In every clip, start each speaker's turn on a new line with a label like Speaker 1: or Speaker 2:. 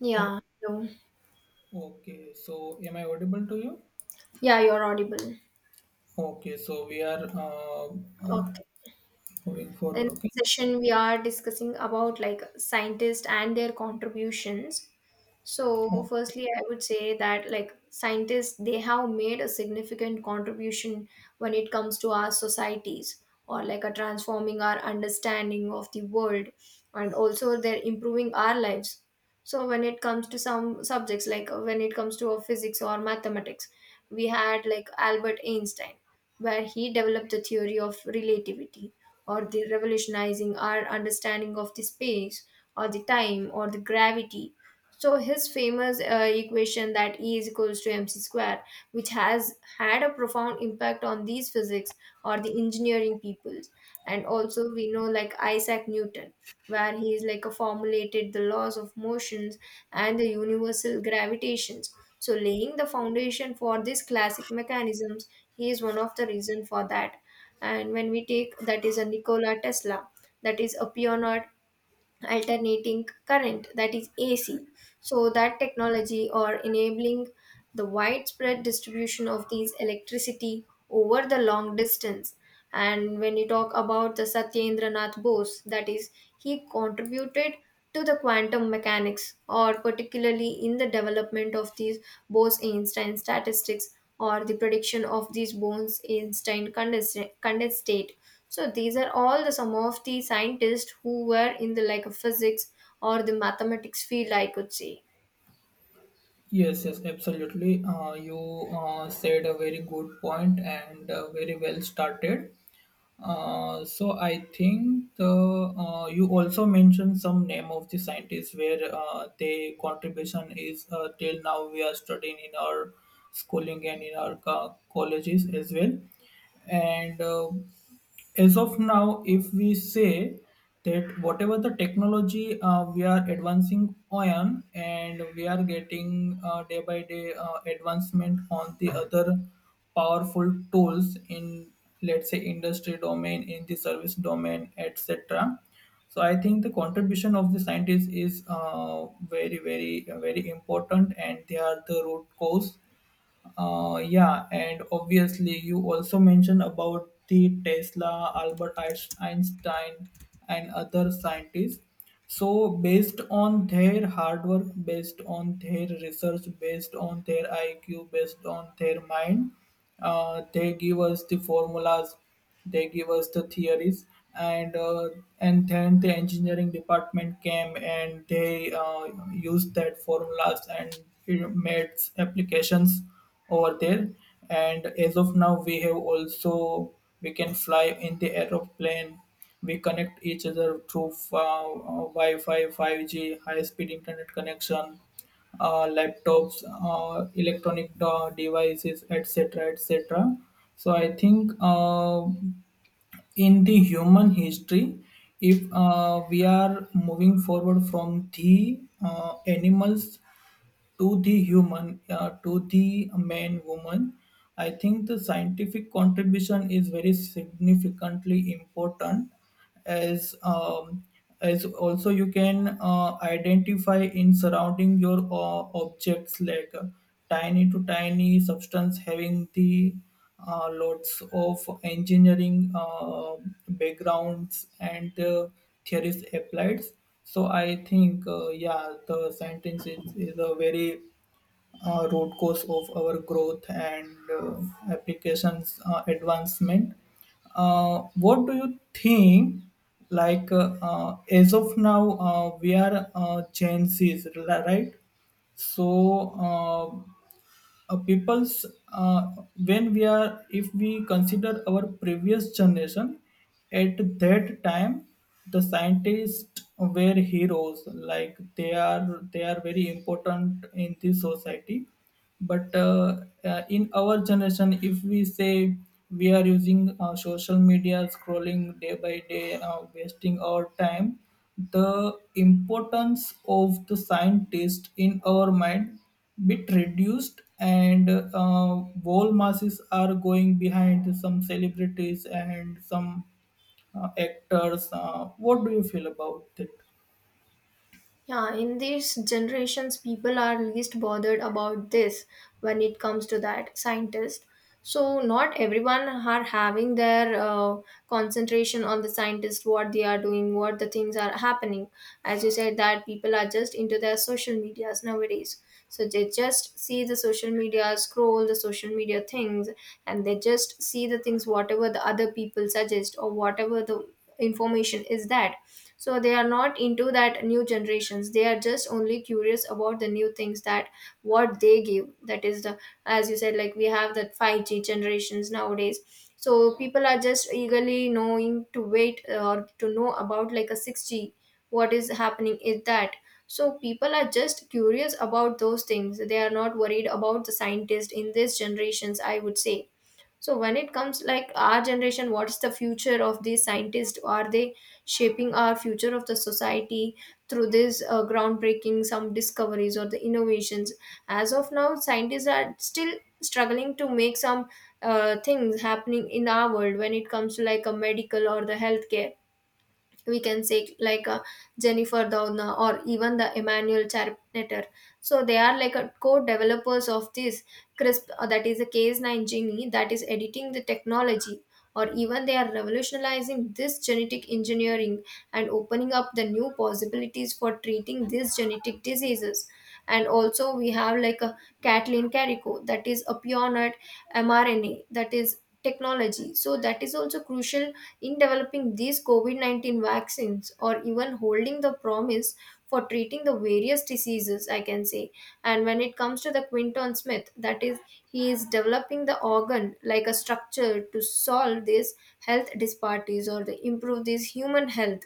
Speaker 1: Yeah, no.
Speaker 2: Okay, so am I audible to you?
Speaker 1: Yeah, you're audible.
Speaker 2: Okay, so we are
Speaker 1: Okay.
Speaker 2: moving
Speaker 1: In
Speaker 2: forward. Okay.
Speaker 1: this session, we are discussing about like scientists and their contributions. So,
Speaker 2: Oh,
Speaker 1: firstly, I would say that like scientists, they have made a significant contribution when it comes to our societies or like a transforming our understanding of the world, and also they're improving our lives. So, when it comes to some subjects, like when it comes to physics or mathematics, we had like Albert Einstein, where he developed the theory of relativity or the revolutionizing our understanding of the space or the time or the gravity. So his famous equation that E is equals to mc square, which has had a profound impact on these physics or the engineering peoples. And also we know like Isaac Newton, where he is like a formulated the laws of motions and the universal gravitations. So laying the foundation for these classic mechanisms, he is one of the reason for that. And when we take that is a Nikola Tesla, that is a pioneer alternating current, that is AC. So that technology or enabling the widespread distribution of these electricity over the long distance. And when you talk about the Satyendra Nath Bose, that is he contributed to the quantum mechanics or particularly in the development of these Bose-Einstein statistics or the prediction of these Bose-Einstein condensate. So these are all the some of the scientists who were in the like physics or the mathematics field, I could say.
Speaker 2: yes, yes, absolutely. You said a very good point and very well started. So I think the you also mentioned some name of the scientists where their contribution is, till now, we are studying in our schooling and in our colleges as well. And uh, as of now, if we say that whatever the technology we are advancing on, and we are getting day by day advancement on the other powerful tools in, let's say, industry domain, in the service domain, etc. So I think the contribution of the scientists is very, very, very important, and they are the root cause. Yeah, and obviously you also mentioned about the Tesla, Einstein, and other scientists. So based on their hard work, based on their research, based on their IQ, based on their mind, they give us the formulas, they give us the theories, and uh, and then the engineering department came and they used that formulas and it made applications over there. And as of now, we have also, we can fly in the aeroplane, we connect each other through wi-fi, 5G, high speed internet connection, laptops, electronic devices, etc, etc. So I think, in the human history, if we are moving forward from the animals to the human, to the man, woman, I think the scientific contribution is very significantly important. As um, as also you can identify in surrounding your objects, like tiny to tiny substance having the lots of engineering backgrounds and theories applied. So I think, yeah, the sentence is a very root cause of our growth and applications advancement. What do you think? Like, as of now, we are Gen Zs, right? So. People's, uh, when we are, if we consider our previous generation, at that time the scientists were heroes, like they are, they are very important in the society. But in our generation, if we say, we are using social media, scrolling day by day, wasting our time, the importance of the scientist in our mind bit reduced, and whole masses are going behind some celebrities and some actors. What do you feel about it?
Speaker 1: Yeah, in these generations, people are least bothered about this when it comes to that scientist. So not everyone are having their concentration on the scientist, what they are doing, what the things are happening. As you said, that people are just into their social medias nowadays. So they just see the social media, scroll the social media things, and they just see the things whatever the other people suggest or whatever the information is that. So they are not into that new generations, they are just only curious about the new things that what they give, that is the, as you said, like we have that 5G generations nowadays. So people are just eagerly knowing to wait or to know about like a 6G, what is happening is that. So people are just curious about those things, they are not worried about the scientists in these generations, I would say. So when it comes like our generation, what's the future of these scientists? Are they shaping our future of the society through this groundbreaking some discoveries or the innovations? As of now, scientists are still struggling to make some things happening in our world when it comes to like a medical or the healthcare. We can say like Jennifer Doudna or even the Emmanuel Charpenter. So they are like a co-developers of this crisp that is a cas9 gene, that is editing the technology, or even they are revolutionizing this genetic engineering and opening up the new possibilities for treating these genetic diseases. And also we have like a Kathleen Carico, that is a pioneer mRNA, that is technology. So that is also crucial in developing these COVID-19 vaccines or even holding the promise for treating the various diseases, I can say. And when it comes to the Quinton Smith, that is, he is developing the organ like a structure to solve these health disparities or to improve this human health.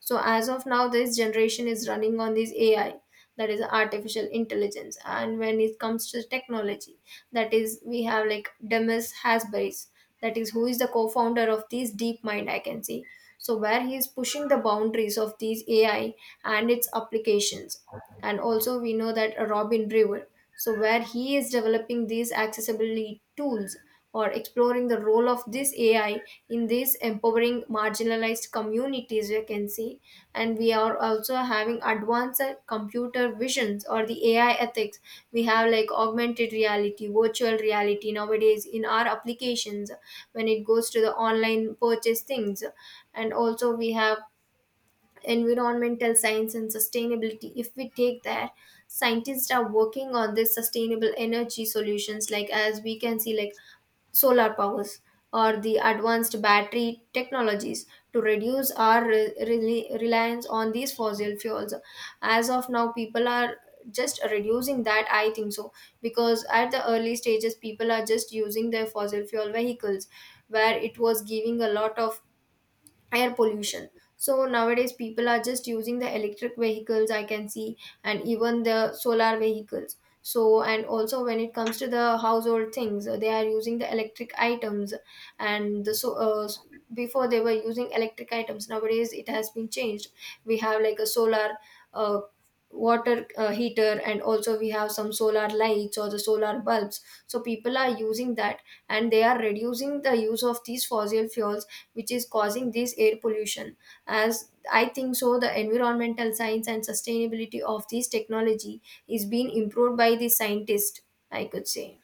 Speaker 1: So as of now, this generation is running on this AI, that is artificial intelligence. And when it comes to technology, that is we have like Demis Hassabis, that is who is the co-founder of this DeepMind, I can say. So where he is pushing the boundaries of these AI and its applications. And also we know that Robin Brewer, so where he is developing these accessibility tools or exploring the role of this AI in these empowering marginalized communities, we can see. And we are also having advanced computer visions or the AI ethics. We have like augmented reality, virtual reality nowadays in our applications when it goes to the online purchase things. And also, we have environmental science and sustainability, if we take that, scientists are working on this sustainable energy solutions like as we can see, like solar powers or the advanced battery technologies to reduce our reliance on these fossil fuels. As of now people are just reducing that, I think so, because at the early stages people are just using their fossil fuel vehicles, where it was giving a lot of air pollution. So nowadays people are just using the electric vehicles, I can see, and even the solar vehicles. So, and also when it comes to the household things, they are using the electric items. And the so before they were using electric items, nowadays it has been changed. We have like a solar uh, water heater, and also we have some solar lights or the solar bulbs. So people are using that, and they are reducing the use of these fossil fuels, which is causing this air pollution. As I think so, the environmental science and sustainability of this technology is being improved by the scientist, I could say.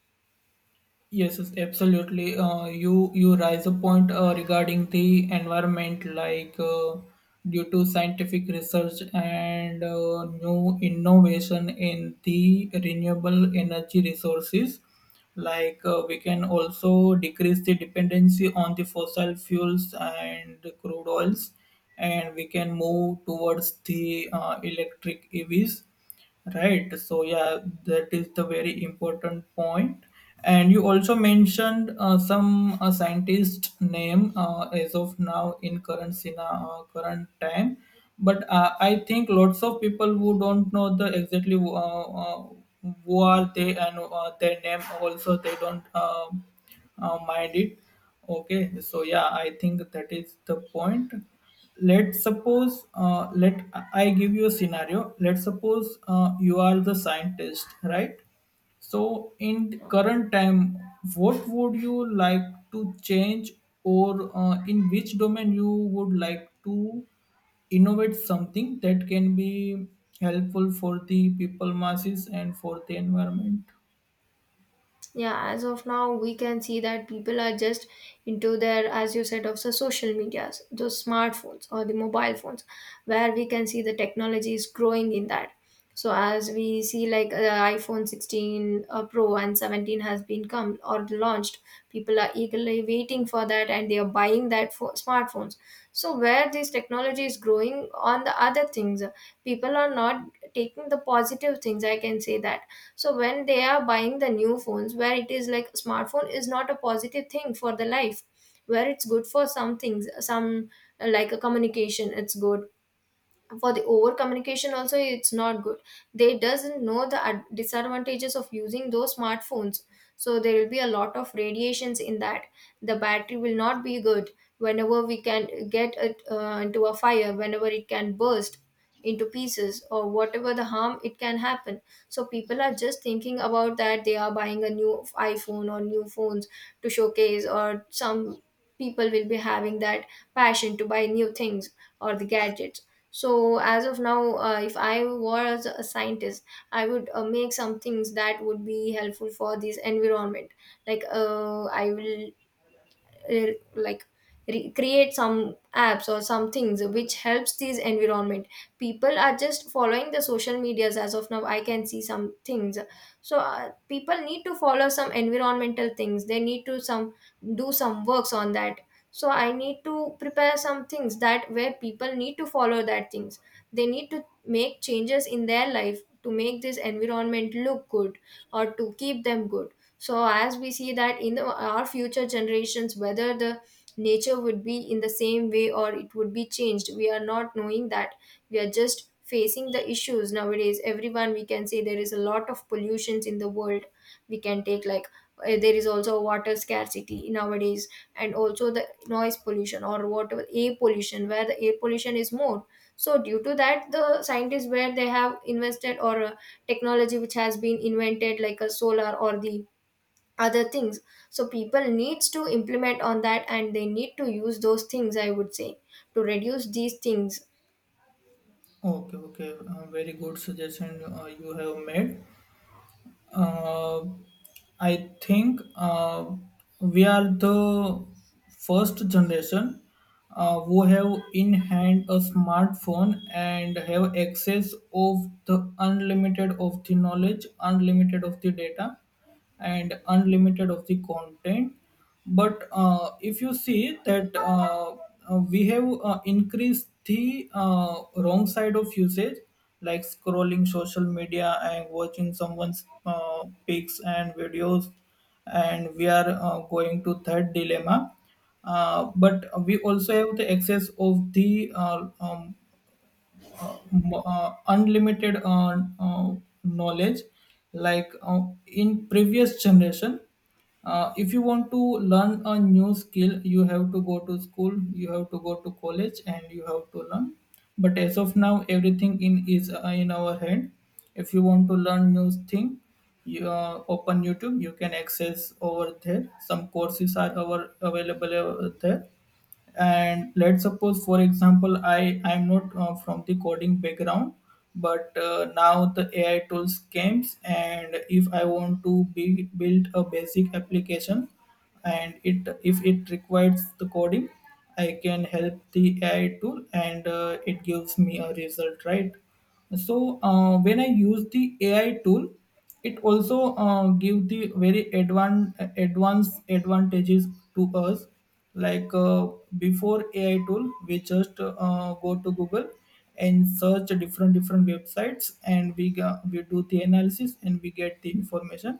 Speaker 2: Yes, yes, absolutely. You raise a point regarding the environment, like, due to scientific research and new innovation in the renewable energy resources, like, we can also decrease the dependency on the fossil fuels and crude oils, and we can move towards the electric EVs. Right. So yeah, that is the very important point. And you also mentioned some scientist name as of now in current time, but I think lots of people who don't know the exactly who are they, and their name also they don't mind it. Okay. So yeah, I think that is the point. Let's suppose, let I give you a scenario. Let's suppose you are the scientist, right? So, in the
Speaker 1: Yeah.
Speaker 2: current time, what would you like to change, or in which domain you would like to innovate something that can be helpful for the people masses and for the environment?
Speaker 1: Yeah, as of now we can see that people are just into their, as you said, of the social medias, those smartphones or the mobile phones, where we can see the technology is growing in that. So as we see like iphone 16 pro and 17 has been come or launched. People are eagerly waiting for that and they are buying that for smartphones. So where this technology is growing on the other things, people are not taking the positive things, I can say that. So when they are buying the new phones, where it is like smartphone is not a positive thing for the life, where it's good for some things, some like a communication it's good, for the over communication also it's not good. They doesn't know the disadvantages of using those smartphones. So there will be a lot of radiations in that, the battery will not be good, whenever we can get it into a fire, whenever it can burst into pieces, or whatever the harm it can happen. So people are just thinking about that, they are buying a new iphone or new phones to showcase, or some people will be having that passion to buy new things or the gadgets. So as of now, if I was a scientist, I would make some things that would be helpful for this environment. Like I will re- like create some apps or some things which helps these environment. People are just following the social medias as of now, I can see some things. So people need to follow some environmental things, they need to some do some works on that. So I need to prepare some things that where people need to follow that things, they need to make changes in their life to make this environment look good or to keep them good. So as we see that in the, our future generations, whether the nature would be in the same way or it would be changed, we are not knowing that. We are just facing the issues nowadays, everyone, we can say there is a lot of pollutions in the world. We can take like there is also water scarcity nowadays, and also the noise pollution or water air pollution, where the air pollution is more. So due to that, the scientists, where they have invested or technology which has been invented like a solar or the other things, so people needs to implement on that and they need to use those things, I would say, to reduce these things.
Speaker 2: Okay, okay, very good suggestion you have made. Uh, I think we are the first generation who have in hand a smartphone and have access of the unlimited of the knowledge, unlimited of the data, and unlimited of the content. But if you see that we have increased the wrong side of usage, like scrolling social media and watching someone's pics and videos, and we are going to third dilemma. But we also have the excess of the unlimited knowledge. Like, in previous generation, if you want to learn a new skill, you have to go to school, you have to go to college, and you have to learn. But as of now, everything in is in our hand. If you want to learn new thing, you open YouTube, you can access over there, some courses are our available over there. And let's suppose, for example, I'm not from the coding background, but now the AI tools came, and if I want to build a basic application, and it, if it requires the coding, I can help the AI tool and it gives me a result, right? So when I use the AI tool, it also give the very advanced advantages to us. Like, before AI tool, we just go to Google and search different different websites, and we we do the analysis and we get the information.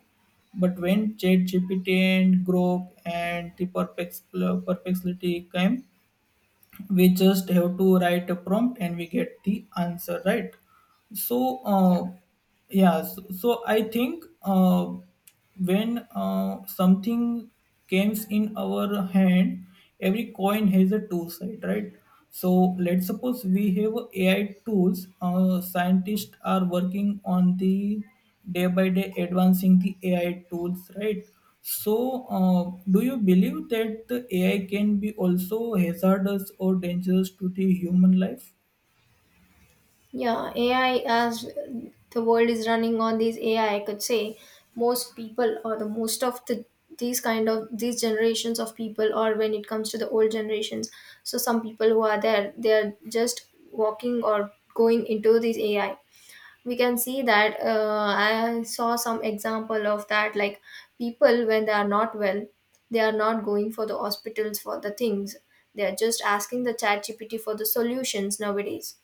Speaker 2: But when ChatGPT and Grok and the Perplexity came, we just have to write a prompt and we get the answer, right? So,
Speaker 1: Yeah.
Speaker 2: yeah. So I think, when something comes in our hand, every coin has a two side, right? So, let's suppose we have AI tools, scientists are working on the day by day advancing the AI tools, right? So do you believe that the AI can be also hazardous or dangerous to the human life?
Speaker 1: Yeah ai as the world is running on these AI, I could say. Most people or the most of the these kind of these generations of people, or when it comes to the old generations, so some people who are there, they are just walking or going into these AI. We can see that I saw some example of that. Like people, when they are not well, they are not going for the hospitals for the things, they are just asking the chat gpt for the solutions nowadays.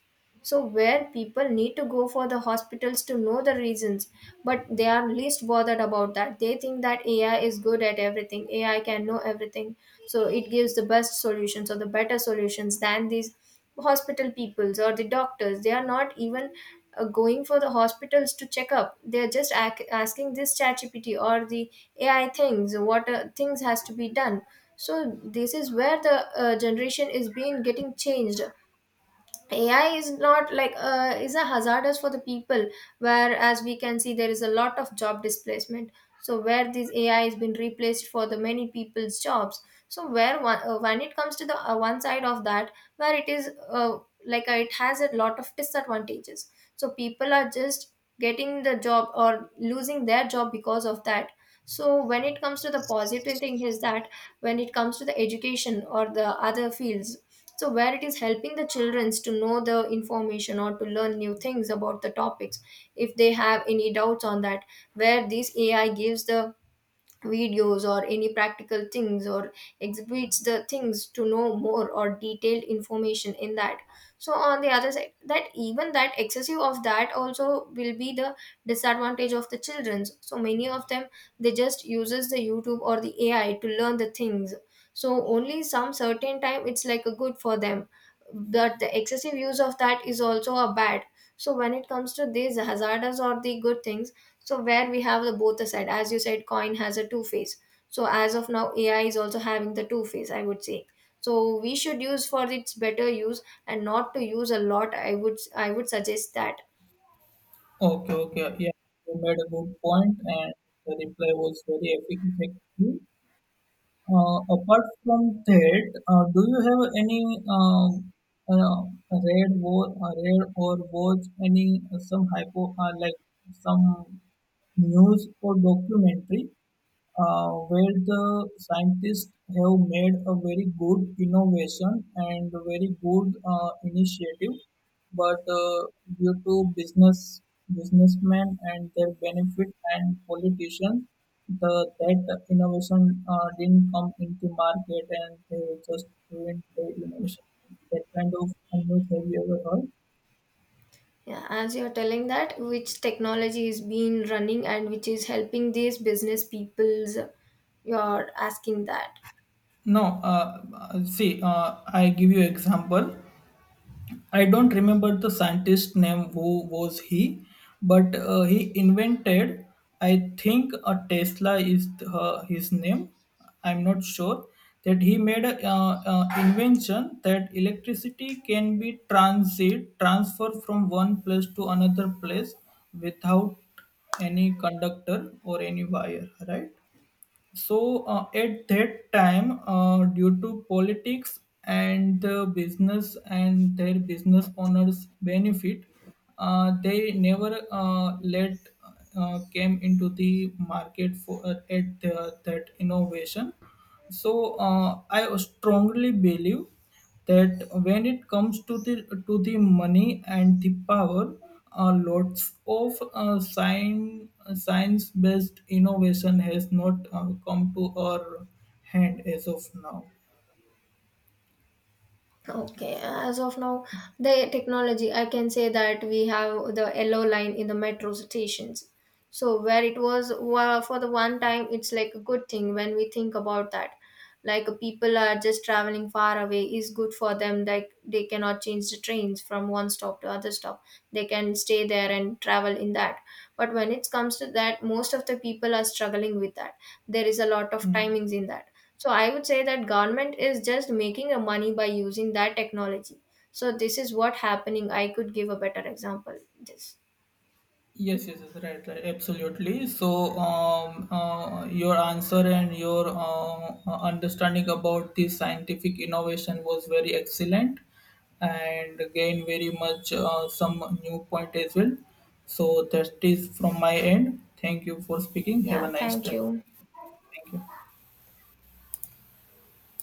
Speaker 1: So, where people need to go for the hospitals to know the reasons, but they are least bothered about that. They think that AI is good at everything, AI can know everything. So, it gives the best solutions or the better solutions than these hospital peoples or the doctors. They are not even going for the hospitals to check up. They are just asking this ChatGPT or the AI things, what things has to be done. So, this is where the generation is being getting changed. AI is not like is a hazardous for the people, whereas we can see there is a lot of job displacement. So where this AI has been replaced for the many people's jobs. So where one, when it comes to the one side of that, where it is it has a lot of disadvantages. So people are just getting the job or losing their job because of that. So when it comes to the positive thing is that, when it comes to the education or the other fields, so where it is helping the children to know the information or to learn new things about the topics, if they have any doubts on that, where this AI gives the videos or any practical things, or exhibits the things to know more or detailed information in that. So on the other side, that even that excessive of that also will be the disadvantage of the childrens. So many of them, they just uses the YouTube or the AI to learn the things. So only some certain time it's like a good for them, but the excessive use of that is also a bad. So when it comes to these hazardous or the good things, so where we have the both the side, as you said, coin has a two face. So as of now, AI is also having the two face, I would say. So we should use for its better use and not to use a lot. I would suggest that.
Speaker 2: Okay, okay. Yeah, you made a good point, and the reply was very effective. Apart from that, do you have any uh, rare, rare, or watch any some hypo like some news or documentary where the scientists have made a very good innovation and a very good initiative, but due to businessmen and their benefit and politicians, the that innovation didn't come into market, and they just ruined the innovation. That kind of news have you ever heard?
Speaker 1: Yeah, as you're telling that, which technology is being running and which is helping these business peoples, you're asking that.
Speaker 2: No, see, I give you example. I don't remember the scientist name, who was he, but he invented. I think a Tesla is his name. I'm not sure that he made a invention that electricity can be transit transfer from one place to another place without any conductor or any wire, right? So at that time, due to politics and the business and their business owners' benefit, they never let came into the market for that innovation. So, uh, I strongly believe that when it comes to the money and the power, lots of science based innovation has not come to our hand as of now.
Speaker 1: Okay, as of now, the technology, I can say that we have the yellow line in the metro stations. So, where it was for the one time, it's like a good thing. When we think about that, like people are just traveling far away is good for them, like they cannot change the trains from one stop to other stop, they can stay there and travel in that. But when it comes to that, most of the people are struggling with that, there is a lot of
Speaker 2: Hmm.
Speaker 1: timings in that. So I would say that government is just making a money by using that technology. So this is what happening, I could give a better example this.
Speaker 2: Yes, yes, yes, right, right, absolutely. So, your answer and your understanding about this scientific innovation was very excellent, and again, very much some new point as well. So that is from my end. Thank you for speaking. Have
Speaker 1: Yeah,
Speaker 2: a nice
Speaker 1: thank
Speaker 2: day.
Speaker 1: you.
Speaker 2: Thank you.